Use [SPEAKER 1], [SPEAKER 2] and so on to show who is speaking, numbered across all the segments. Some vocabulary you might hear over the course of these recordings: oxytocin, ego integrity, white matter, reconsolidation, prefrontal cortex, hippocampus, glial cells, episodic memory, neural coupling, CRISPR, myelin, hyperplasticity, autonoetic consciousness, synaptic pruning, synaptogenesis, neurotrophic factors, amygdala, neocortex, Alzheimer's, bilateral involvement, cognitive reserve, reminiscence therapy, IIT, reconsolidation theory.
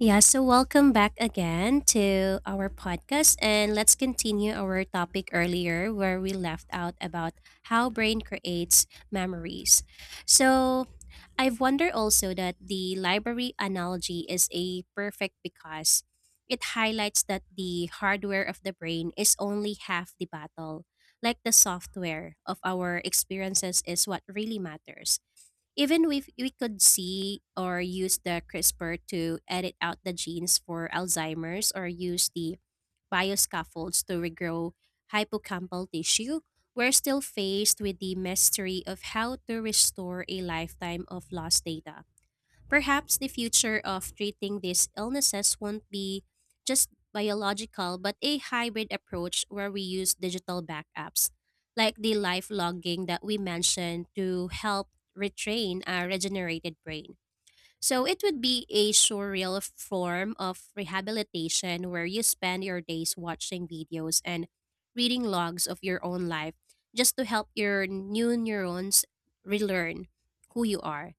[SPEAKER 1] Yeah, so welcome back again to our podcast. And let's continue our topic earlier where we left out about how brain creates memories. So I've wondered also that the library analogy is a perfect because it highlights that the hardware of the brain is only half the battle. Like the software of our experiences is what really matters. Even if we could see or use the CRISPR to edit out the genes for Alzheimer's or use the bioscaffolds to regrow hippocampal tissue, we're still faced with the mystery of how to restore a lifetime of lost data. Perhaps the future of treating these illnesses won't be just biological, but a hybrid approach where we use digital backups, like the life logging that we mentioned, to help retrain our regenerated brain. So it would be a surreal form of rehabilitation where you spend your days watching videos and reading logs of your own life just to help your new neurons relearn who you are.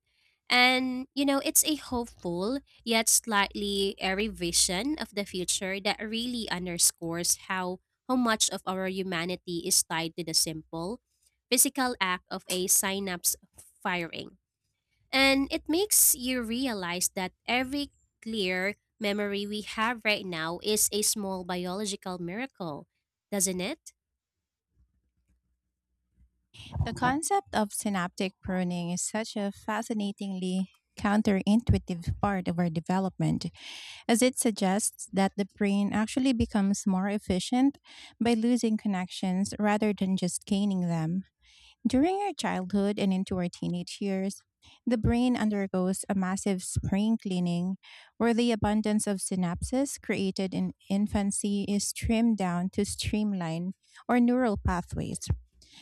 [SPEAKER 1] And, it's a hopeful yet slightly airy vision of the future that really underscores how much of our humanity is tied to the simple physical act of a synapse firing. And it makes you realize that every clear memory we have right now is a small biological miracle, doesn't it?
[SPEAKER 2] The concept of synaptic pruning is such a fascinatingly counterintuitive part of our development, as it suggests that the brain actually becomes more efficient by losing connections rather than just gaining them. During our childhood and into our teenage years, the brain undergoes a massive spring cleaning where the abundance of synapses created in infancy is trimmed down to streamline our neural pathways.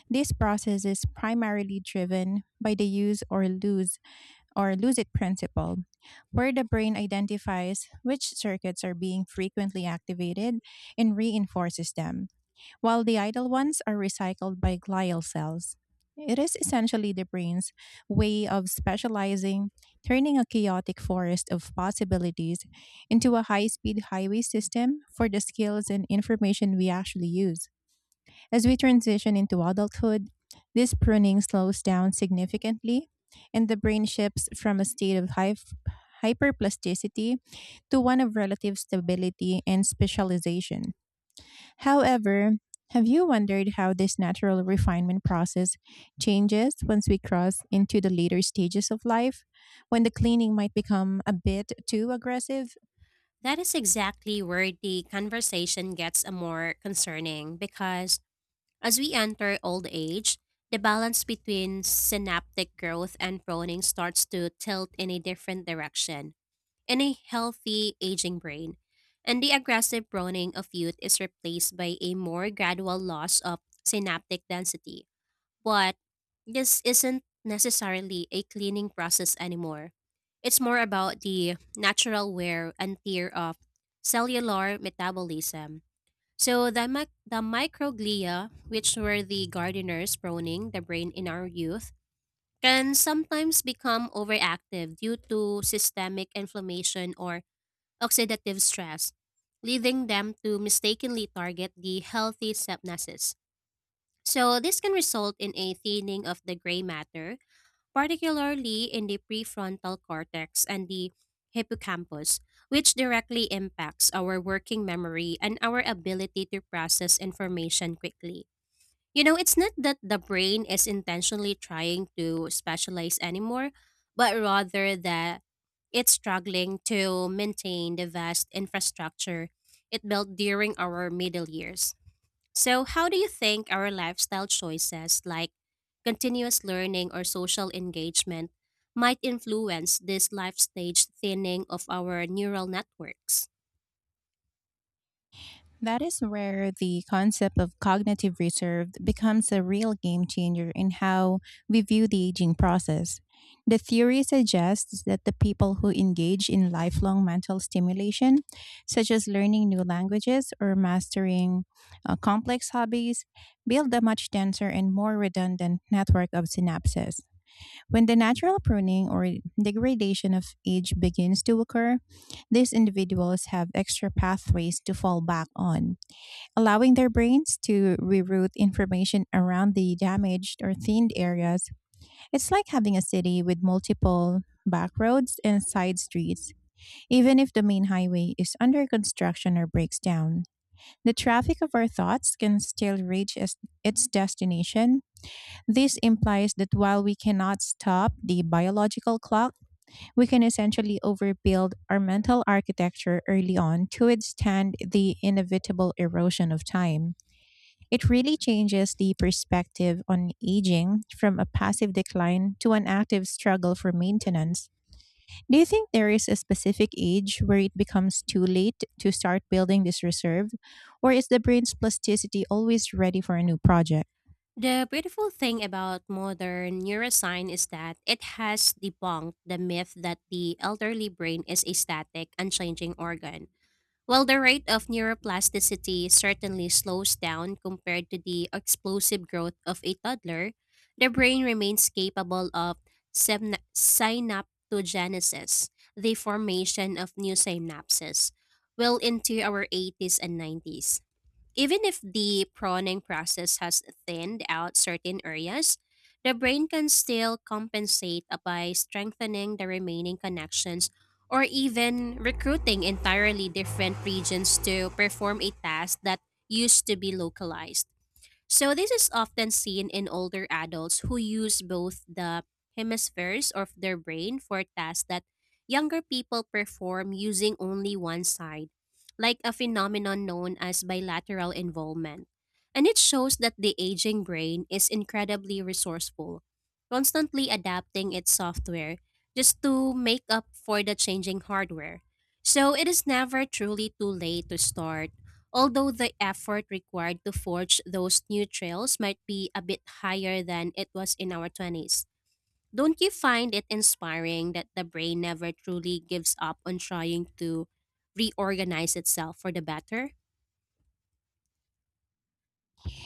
[SPEAKER 2] This process is primarily driven by the use or lose it principle, where the brain identifies which circuits are being frequently activated and reinforces them, while the idle ones are recycled by glial cells. It is essentially the brain's way of specializing, turning a chaotic forest of possibilities into a high speed highway system for the skills and information we actually use. As we transition into adulthood, this pruning slows down significantly, and the brain shifts from a state of hyperplasticity to one of relative stability and specialization. However, have you wondered how this natural refinement process changes once we cross into the later stages of life, when the cleaning might become a bit too aggressive?
[SPEAKER 1] That is exactly where the conversation gets a more concerning, because as we enter old age, the balance between synaptic growth and pruning starts to tilt in a different direction in a healthy aging brain, and the aggressive pruning of youth is replaced by a more gradual loss of synaptic density. But this isn't necessarily a cleaning process anymore. It's more about the natural wear and tear of cellular metabolism. So the microglia, which were the gardeners pruning the brain in our youth, can sometimes become overactive due to systemic inflammation or oxidative stress, leading them to mistakenly target the healthy synapses. So this can result in a thinning of the gray matter, particularly in the prefrontal cortex and the hippocampus, which directly impacts our working memory and our ability to process information quickly. It's not that the brain is intentionally trying to specialize anymore, but rather that it's struggling to maintain the vast infrastructure it built during our middle years. So, how do you think our lifestyle choices, like continuous learning or social engagement, might influence this life stage thinning of our neural networks?
[SPEAKER 2] That is where the concept of cognitive reserve becomes a real game changer in how we view the aging process. The theory suggests that the people who engage in lifelong mental stimulation, such as learning new languages or mastering complex hobbies, build a much denser and more redundant network of synapses. When the natural pruning or degradation of age begins to occur, these individuals have extra pathways to fall back on, allowing their brains to reroute information around the damaged or thinned areas. It's like having a city with multiple back roads and side streets. Even if the main highway is under construction or breaks down, the traffic of our thoughts can still reach its destination. This implies that while we cannot stop the biological clock, we can essentially overbuild our mental architecture early on to withstand the inevitable erosion of time. It really changes the perspective on aging from a passive decline to an active struggle for maintenance. Do you think there is a specific age where it becomes too late to start building this reserve? Or is the brain's plasticity always ready for a new project?
[SPEAKER 1] The beautiful thing about modern neuroscience is that it has debunked the myth that the elderly brain is a static, unchanging organ. While the rate of neuroplasticity certainly slows down compared to the explosive growth of a toddler, the brain remains capable of synaptogenesis, the formation of new synapses, well into our eighties and nineties. Even if the pruning process has thinned out certain areas, the brain can still compensate by strengthening the remaining connections or even recruiting entirely different regions to perform a task that used to be localized. So this is often seen in older adults who use both the hemispheres of their brain for tasks that younger people perform using only one side, like a phenomenon known as bilateral involvement. And it shows that the aging brain is incredibly resourceful, constantly adapting its software just to make up for the changing hardware. So it is never truly too late to start. Although the effort required to forge those new trails might be a bit higher than it was in our 20s, don't you find it inspiring that the brain never truly gives up on trying to reorganize itself for the better?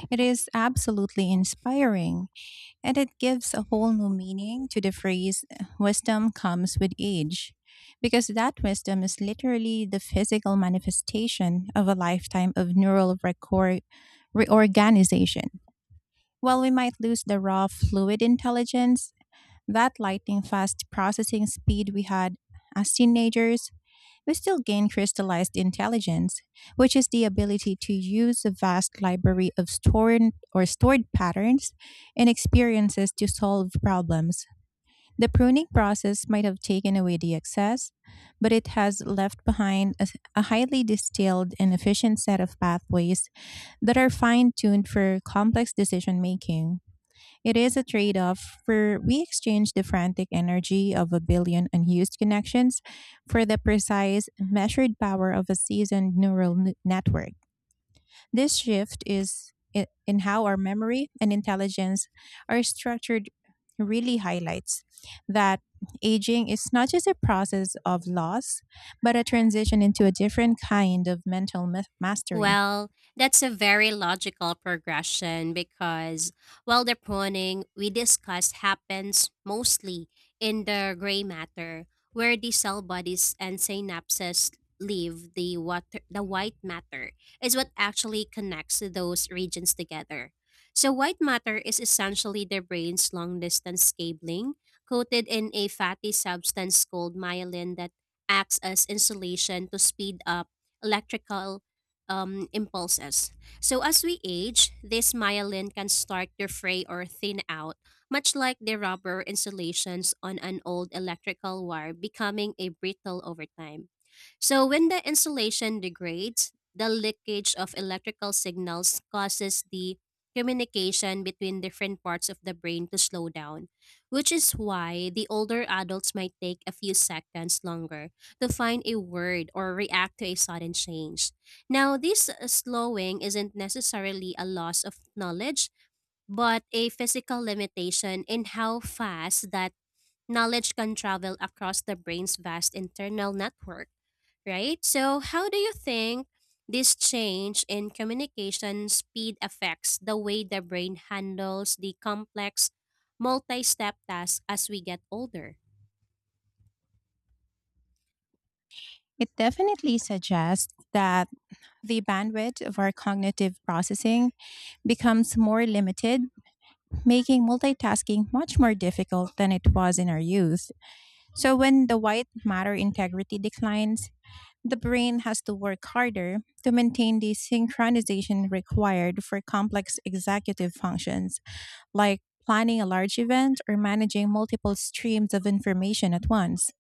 [SPEAKER 2] It is absolutely inspiring, and it gives a whole new meaning to the phrase wisdom comes with age, because that wisdom is literally the physical manifestation of a lifetime of neural record reorganization. While we might lose the raw fluid intelligence, that lightning fast processing speed we had as teenagers, we still gain crystallized intelligence, which is the ability to use a vast library of stored patterns and experiences to solve problems. The pruning process might have taken away the excess, but it has left behind a highly distilled and efficient set of pathways that are fine tuned for complex decision making. It is a trade off, for we exchange the frantic energy of a billion unused connections for the precise, measured power of a seasoned neural network. This shift is in how our memory and intelligence are structured, really highlights that aging is not just a process of loss, but a transition into a different kind of mental mastery.
[SPEAKER 1] Well, that's a very logical progression because, while the pruning we discussed happens mostly in the gray matter, where the cell bodies and synapses leave the water, the white matter is what actually connects those regions together. So, white matter is essentially the brain's long distance cabling coated in a fatty substance called myelin that acts as insulation to speed up electrical impulses. So, as we age, this myelin can start to fray or thin out, much like the rubber insulations on an old electrical wire becoming a brittle over time. So, when the insulation degrades, the leakage of electrical signals causes the communication between different parts of the brain to slow down, which is why the older adults might take a few seconds longer to find a word or react to a sudden change. Now, this slowing isn't necessarily a loss of knowledge, but a physical limitation in how fast that knowledge can travel across the brain's vast internal network, right? So, how do you think this change in communication speed affects the way the brain handles the complex multi step tasks as we get older?
[SPEAKER 2] It definitely suggests that the bandwidth of our cognitive processing becomes more limited, making multitasking much more difficult than it was in our youth. So, when the white matter integrity declines, the brain has to work harder to maintain the synchronization required for complex executive functions like planning a large event or managing multiple streams of information at once.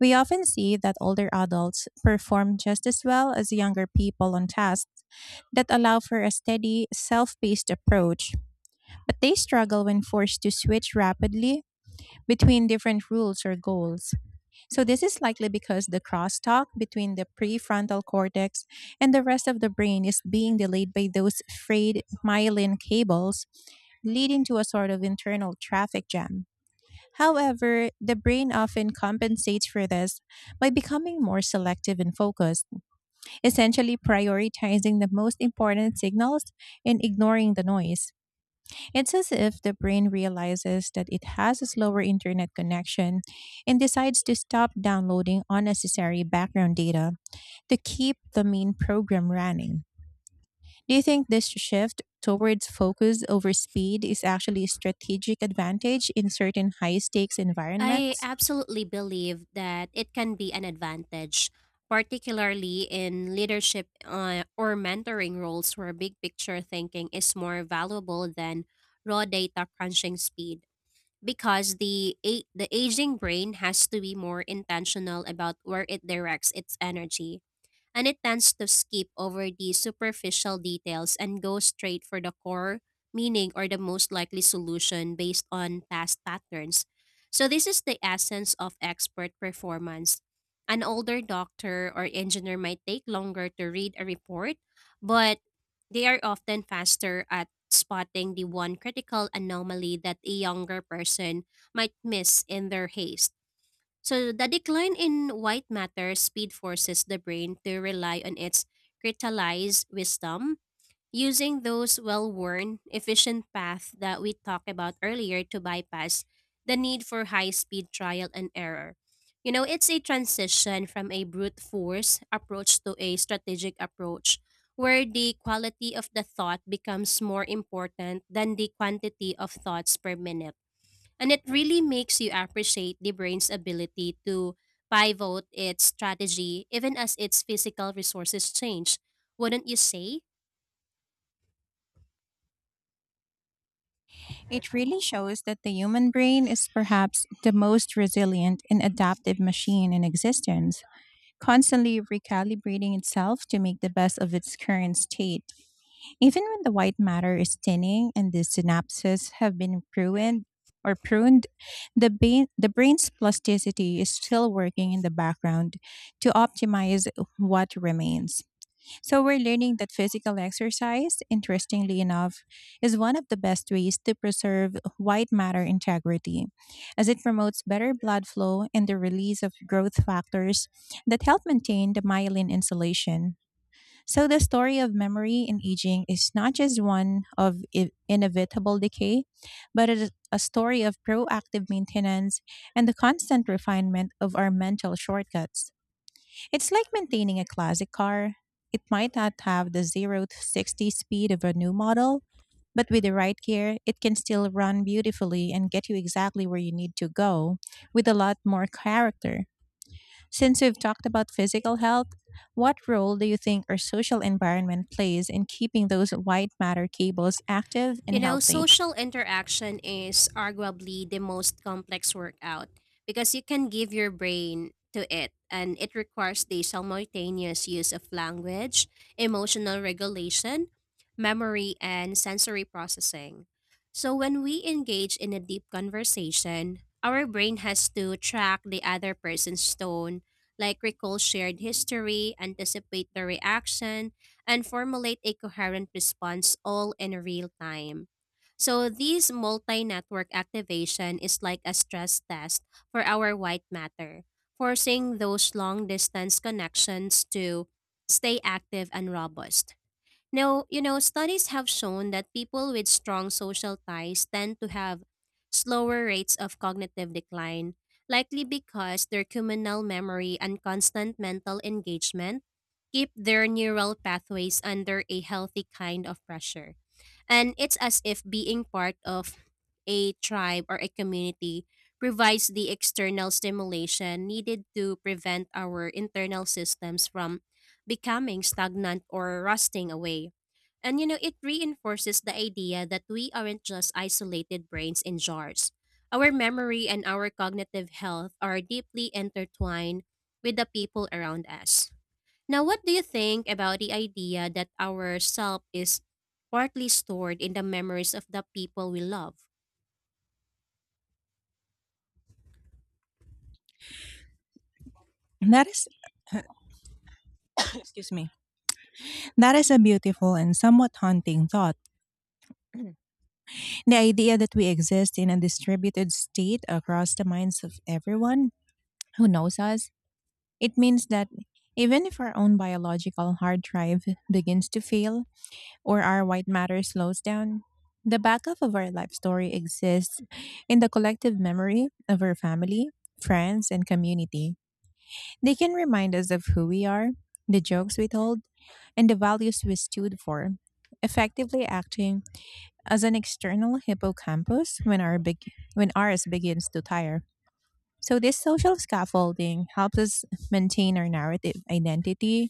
[SPEAKER 2] We often see that older adults perform just as well as younger people on tasks that allow for a steady, self paced approach, but they struggle when forced to switch rapidly between different rules or goals. So, this is likely because the crosstalk between the prefrontal cortex and the rest of the brain is being delayed by those frayed myelin cables, leading to a sort of internal traffic jam. However, the brain often compensates for this by becoming more selective and focused, essentially prioritizing the most important signals and ignoring the noise. It's as if the brain realizes that it has a slower internet connection and decides to stop downloading unnecessary background data to keep the main program running. Do you think this shift towards focus over speed is actually a strategic advantage in certain high stakes
[SPEAKER 1] I
[SPEAKER 2] environments?
[SPEAKER 1] absolutely believe that it can be an advantage, particularly in leadership or mentoring roles where big picture thinking is more valuable than raw data crunching speed. Because the aging brain has to be more intentional about where it directs its energy, and it tends to skip over the superficial details and go straight for the core meaning or the most likely solution based on past patterns. So, this is the essence of expert performance. An older doctor or engineer might take longer to read a report, but they are often faster at spotting the one critical anomaly that a younger person might miss in their haste. So the decline in white matter speed forces the brain to rely on its crystallized wisdom, using those well-worn, efficient paths that we talked about earlier to bypass the need for high-speed trial and error. It's a transition from a brute force approach to a strategic approach where the quality of the thought becomes more important than the quantity of thoughts per minute. And it really makes you appreciate the brain's ability to pivot its strategy even as its physical resources change. Wouldn't you say?
[SPEAKER 2] It really shows that the human brain is perhaps the most resilient and adaptive machine in existence, constantly recalibrating itself to make the best of its current state. Even when the white matter is thinning and the synapses have been pruned, the brain's plasticity is still working in the background to optimize what remains. So we're learning that physical exercise, interestingly enough, is one of the best ways to preserve white matter integrity, as it promotes better blood flow and the release of growth factors that help maintain the myelin insulation. So the story of memory in aging is not just one of inevitable decay, but it is a story of proactive maintenance and the constant refinement of our mental shortcuts. It's like maintaining a classic car. It might not have the 0 to 60 speed of a new model, but with the right care, it can still run beautifully and get you exactly where you need to go with a lot more character. Since we've talked about physical health, what role do you think our social environment plays in keeping those white matter cables active and
[SPEAKER 1] You know,
[SPEAKER 2] healthy?
[SPEAKER 1] social interaction is arguably the most complex workout because you can give your brain to it, and it requires the simultaneous use of language, emotional regulation, memory, and sensory processing. So, when we engage in a deep conversation, our brain has to track the other person's tone, like recall shared history, anticipate the reaction, and formulate a coherent response all in real time. So this multi-network activation is like a stress test for our white matter, forcing those long distance connections to stay active and robust. Now, studies have shown that people with strong social ties tend to have slower rates of cognitive decline, likely because their communal memory and constant mental engagement keep their neural pathways under a healthy kind of pressure. And it's as if being part of a tribe or a community provides the external stimulation needed to prevent our internal systems from becoming stagnant or rusting away. And it reinforces the idea that we aren't just isolated brains in jars. Our memory and our cognitive health are deeply intertwined with the people around us. Now, what do you think about the idea that our self is partly stored in the memories of the people we love?
[SPEAKER 2] That is, excuse me, that is a beautiful and somewhat haunting thought. The idea that we exist in a distributed state across the minds of everyone who knows us, it means that even if our own biological hard drive begins to fail, or our white matter slows down, the backup of our life story exists in the collective memory of our family, friends, and community. They can remind us of who we are, the jokes we told, and the values we stood for, effectively acting as an external hippocampus when our big, when ours begins to tire. So, this social scaffolding helps us maintain our narrative identity,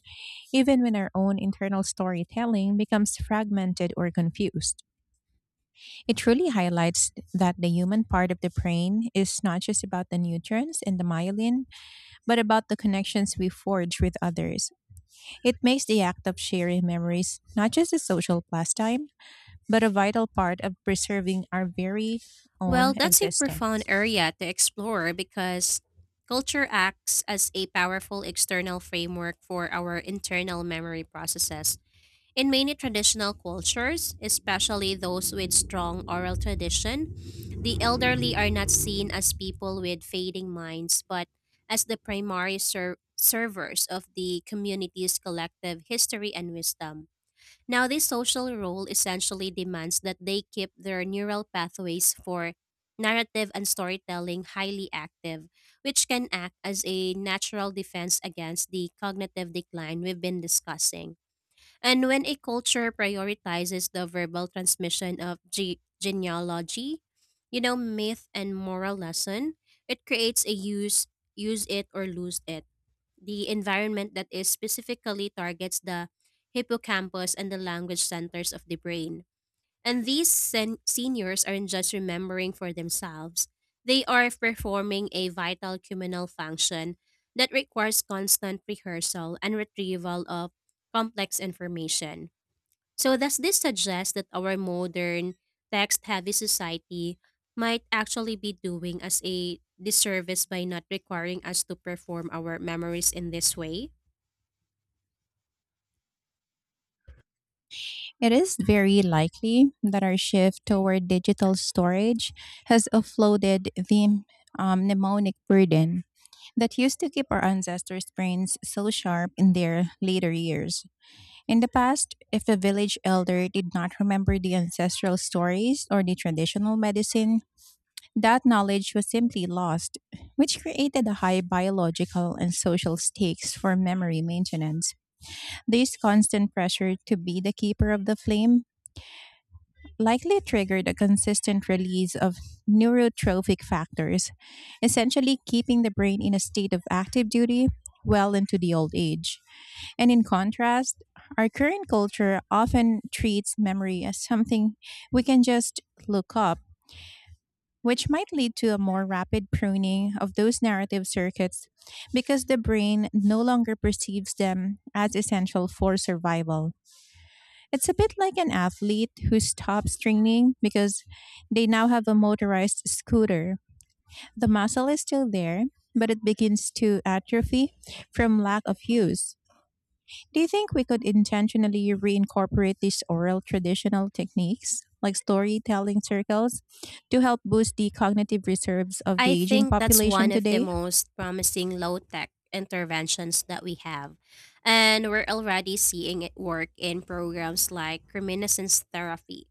[SPEAKER 2] even when our own internal storytelling becomes fragmented or confused. It truly highlights that the human part of the brain is not just about the nutrients and the myelin, but about the connections we forge with others. It makes the act of sharing memories not just a social pastime, but a vital part of preserving our very own
[SPEAKER 1] Well, that's a profound
[SPEAKER 2] existence.
[SPEAKER 1] area to explore because culture acts as a powerful external framework for our internal memory processes. In many traditional cultures, especially those with strong oral tradition, the elderly are not seen as people with fading minds, but as the primary servers of the community's collective history and wisdom. Now, this social role essentially demands that they keep their neural pathways for narrative and storytelling highly active, which can act as a natural defense against the cognitive decline we've been discussing. And when a culture prioritizes the verbal transmission of genealogy, myth and moral lesson, it creates a use it or lose it. The environment that is specifically targets the hippocampus and the language centers of the brain. And these seniors aren't just remembering for themselves. They are performing a vital communal function that requires constant rehearsal and retrieval of complex information. So, does this suggest that our modern text heavy society might actually be doing us a disservice by not requiring us to perform our memories in this way?
[SPEAKER 2] It is very likely that our shift toward digital storage has offloaded the mnemonic burden that used to keep our ancestors' brains so sharp in their later years. In the past, if a village elder did not remember the ancestral stories or the traditional medicine, that knowledge was simply lost, which created a high biological and social stakes for memory maintenance. This constant pressure to be the keeper of the flame likely triggered a consistent release of neurotrophic factors, essentially keeping the brain in a state of active duty well into the old age. And in contrast, our current culture often treats memory as something we can just look up, which might lead to a more rapid pruning of those narrative circuits because the brain no longer perceives them as essential for survival. It's a bit like an athlete who stops training because they now have a motorized scooter. The muscle is still there, but it begins to atrophy from lack of use. Do you think we could intentionally reincorporate these oral traditional techniques, like storytelling circles, to help boost the cognitive reserves of
[SPEAKER 1] I
[SPEAKER 2] the aging
[SPEAKER 1] think that's
[SPEAKER 2] population
[SPEAKER 1] one of the
[SPEAKER 2] today?
[SPEAKER 1] most promising low tech interventions that we have. And we're already seeing it work in programs like reminiscence therapy.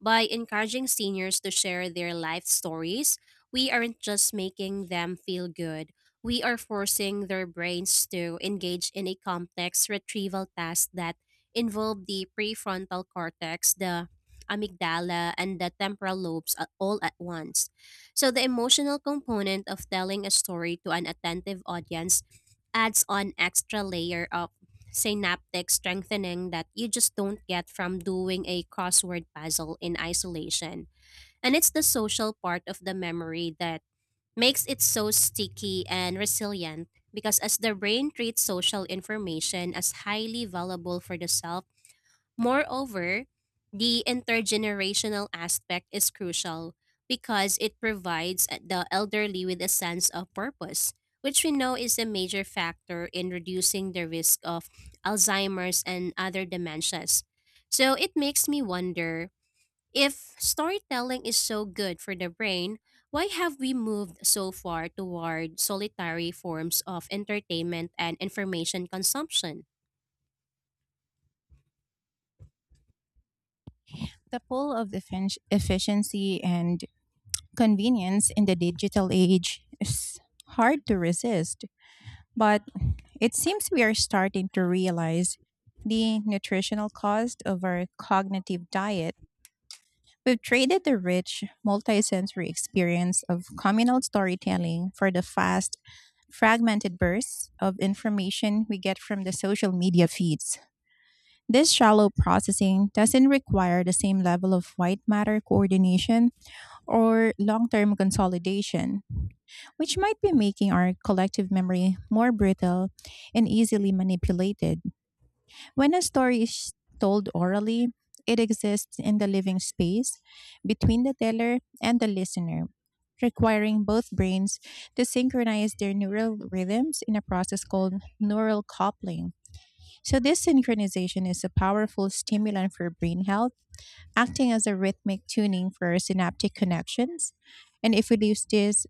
[SPEAKER 1] By encouraging seniors to share their life stories, we aren't just making them feel good, we are forcing their brains to engage in a complex retrieval task that involve the prefrontal cortex, the amygdala, and the temporal lobes all at once. So the emotional component of telling a story to an attentive audience adds on extra layer of synaptic strengthening that you just don't get from doing a crossword puzzle in isolation. And it's the social part of the memory that makes it so sticky and resilient because as the brain treats social information as highly valuable for the self. Moreover, the intergenerational aspect is crucial because it provides the elderly with a sense of purpose, which we know is a major factor in reducing the risk of Alzheimer's and other dementias. So it makes me wonder, if storytelling is so good for the brain, why have we moved so far toward solitary forms of entertainment and information consumption?
[SPEAKER 2] The pull of efficiency and convenience in the digital age is hard to resist, but it seems we are starting to realize the nutritional cost of our cognitive diet. We've traded the rich, multisensory experience of communal storytelling for the fast, fragmented bursts of information we get from the social media feeds. This shallow processing doesn't require the same level of white matter coordination or long term consolidation, which might be making our collective memory more brittle and easily manipulated. When a story is told orally, it exists in the living space between the teller and the listener, requiring both brains to synchronize their neural rhythms in a process called neural coupling. So, this synchronization is a powerful stimulant for brain health, acting as a rhythmic tuning for synaptic connections. And if we lose this,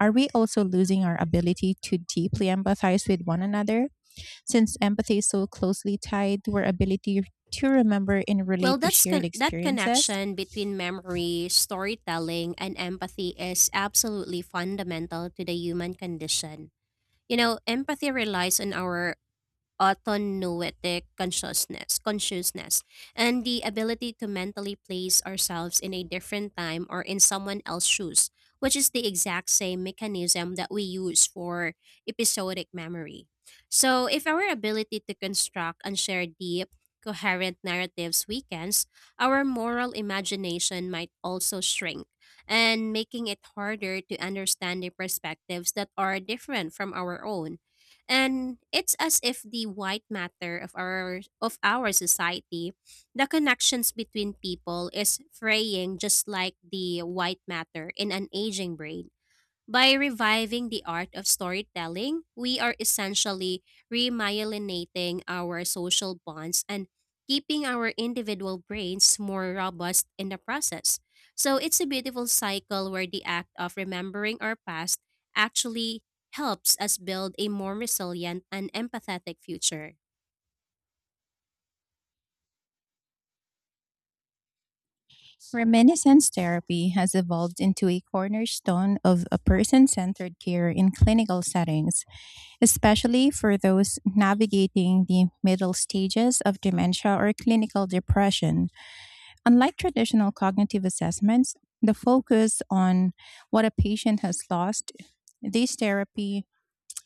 [SPEAKER 2] are we also losing our ability to deeply empathize with one another? Since empathy is so closely tied to our ability to remember and relate
[SPEAKER 1] Well,
[SPEAKER 2] to shared
[SPEAKER 1] that
[SPEAKER 2] experiences.
[SPEAKER 1] connection between memory, storytelling, and empathy is absolutely fundamental to the human condition. You know, empathy relies on our autonoetic consciousness and the ability to mentally place ourselves in a different time or in someone else's shoes, which is the exact same mechanism that we use for episodic memory. So if our ability to construct and share deep, coherent narratives weakens, our moral imagination might also shrink, and making it harder to understand the perspectives that are different from our own. And it's as if the white matter of our society, the connections between people, is fraying just like the white matter in an aging brain. By reviving the art of storytelling, we are essentially remyelinating our social bonds and keeping our individual brains more robust in the process. So it's a beautiful cycle where the act of remembering our past actually helps us build a more resilient and empathetic future.
[SPEAKER 2] Reminiscence therapy has evolved into a cornerstone of a person centered care in clinical settings, especially for those navigating the middle stages of dementia or clinical depression. Unlike traditional cognitive assessments, the focus on what a patient has lost, this therapy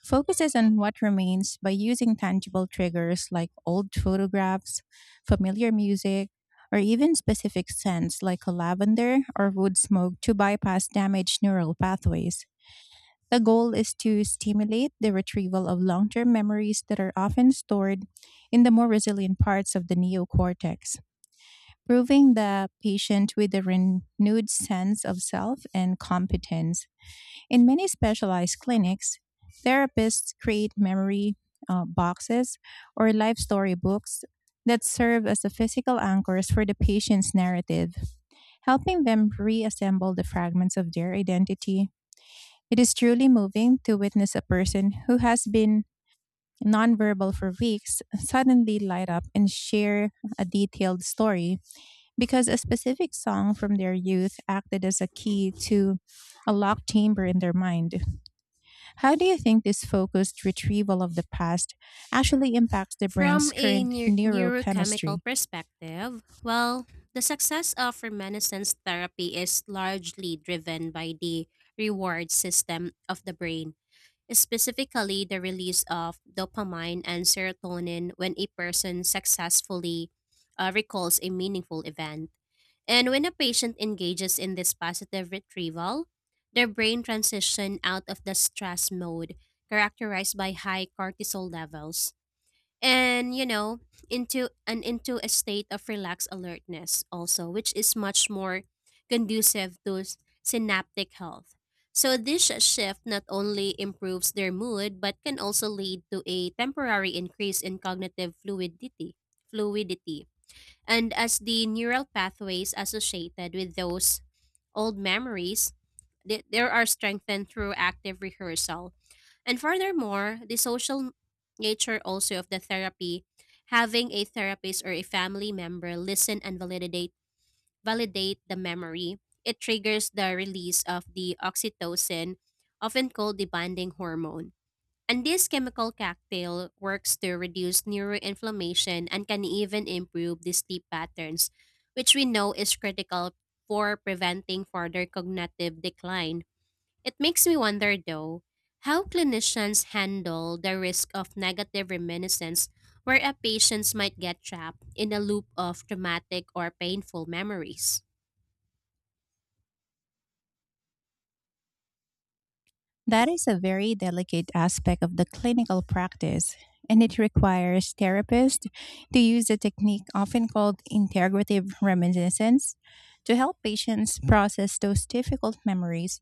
[SPEAKER 2] focuses on what remains by using tangible triggers like old photographs, familiar music, or even specific scents like a lavender or wood smoke to bypass damaged neural pathways. The goal is to stimulate the retrieval of long term memories that are often stored in the more resilient parts of the neocortex, proving the patient with a renewed sense of self and competence. In many specialized clinics, therapists create memory boxes or life story books that serve as the physical anchors for the patient's narrative, helping them reassemble the fragments of their identity. It is truly moving to witness a person who has been nonverbal for weeks suddenly light up and share a detailed story because a specific song from their youth acted as a key to a locked chamber in their mind. How do you think this focused retrieval of the past actually impacts the brain's
[SPEAKER 1] From a
[SPEAKER 2] current neurochemistry?
[SPEAKER 1] neurochemical perspective, well, the success of reminiscence therapy is largely driven by the reward system of the brain, specifically the release of dopamine and serotonin when a person successfully recalls a meaningful event. And when a patient engages in this positive retrieval, their brain transition out of the stress mode, characterized by high cortisol levels, and you know, into a state of relaxed alertness, also, which is much more conducive to synaptic health. So this shift not only improves their mood but can also lead to a temporary increase in cognitive fluidity, and as the neural pathways associated with those old memories there are strengthened through active rehearsal. And furthermore, the social nature also of the therapy, having a therapist or a family member listen and validate the memory, it triggers the release of the oxytocin, often called the bonding hormone. And this chemical cocktail works to reduce neuroinflammation and can even improve the sleep patterns, which we know is critical for preventing further cognitive decline. It makes me wonder, though, how clinicians handle the risk of negative reminiscence where a patient might get trapped in a loop of traumatic or painful memories.
[SPEAKER 2] That is a very delicate aspect of the clinical practice, and it requires therapists to use a technique often called integrative reminiscence to help patients process those difficult memories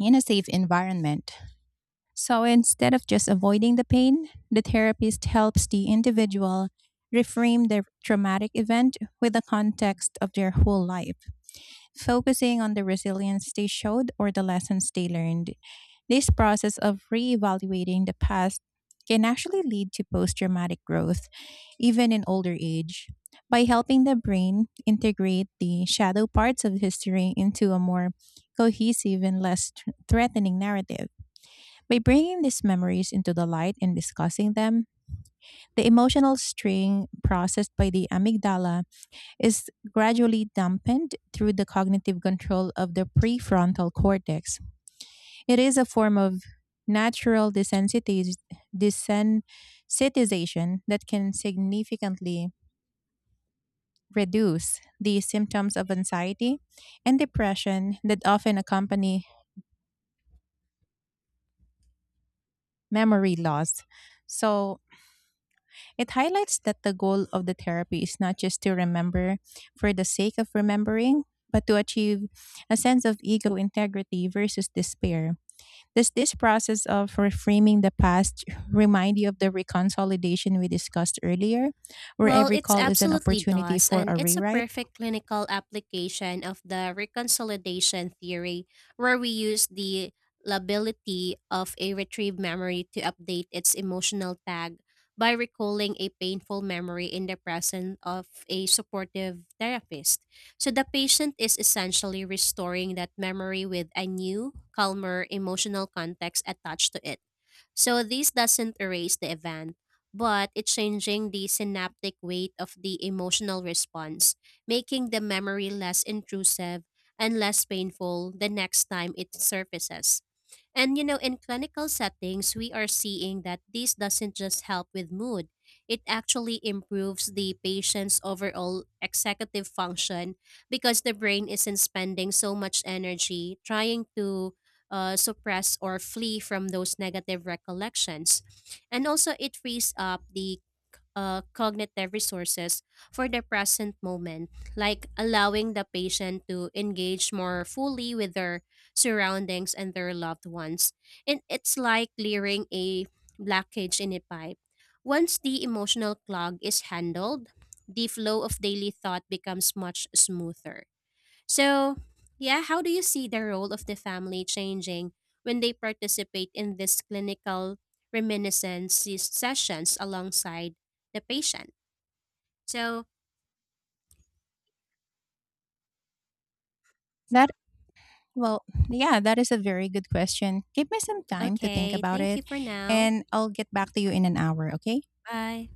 [SPEAKER 2] in a safe environment. So instead of just avoiding the pain, the therapist helps the individual reframe their traumatic event with the context of their whole life, focusing on the resilience they showed or the lessons they learned. This process of reevaluating the past can actually lead to post traumatic growth, even in older age. By helping the brain integrate the shadow parts of history into a more cohesive and less threatening narrative, by bringing these memories into the light and discussing them, the emotional string processed by the amygdala is gradually dampened through the cognitive control of the prefrontal cortex. It is a form of natural desensitization that can significantly reduce the symptoms of anxiety and depression that often accompany memory loss. So, it highlights that the goal of the therapy is not just to remember for the sake of remembering, but to achieve a sense of ego integrity versus despair. Does this process of reframing the past remind you of the reconsolidation we discussed earlier, where
[SPEAKER 1] Well,
[SPEAKER 2] every
[SPEAKER 1] it
[SPEAKER 2] call is an
[SPEAKER 1] absolutely
[SPEAKER 2] opportunity
[SPEAKER 1] does,
[SPEAKER 2] for
[SPEAKER 1] and
[SPEAKER 2] a
[SPEAKER 1] it's a
[SPEAKER 2] rewrite?
[SPEAKER 1] perfect clinical application of the reconsolidation theory, where we use the lability of a retrieved memory to update its emotional tag by recalling a painful memory in the presence of a supportive therapist. So the patient is essentially restoring that memory with a new, calmer emotional context attached to it. So this doesn't erase the event, but it's changing the synaptic weight of the emotional response, making the memory less intrusive and less painful the next time it surfaces. And you know, in clinical settings, we are seeing that this doesn't just help with mood, it actually improves the patient's overall executive function because the brain isn't spending so much energy trying to suppress or flee from those negative recollections. And also, it frees up the cognitive resources for the present moment, like allowing the patient to engage more fully with their surroundings and their loved ones. And it's like clearing a blockage in a pipe. Once the emotional clog is handled, the flow of daily thought becomes much smoother. So, yeah, how do you see the role of the family changing when they participate in these clinical reminiscence sessions alongside the patient? So,
[SPEAKER 2] That well, yeah, that is a very good question. Give me some time to think
[SPEAKER 1] okay,
[SPEAKER 2] about
[SPEAKER 1] thank
[SPEAKER 2] it,
[SPEAKER 1] you for now.
[SPEAKER 2] and I'll get back to you in an hour, okay?
[SPEAKER 1] Bye.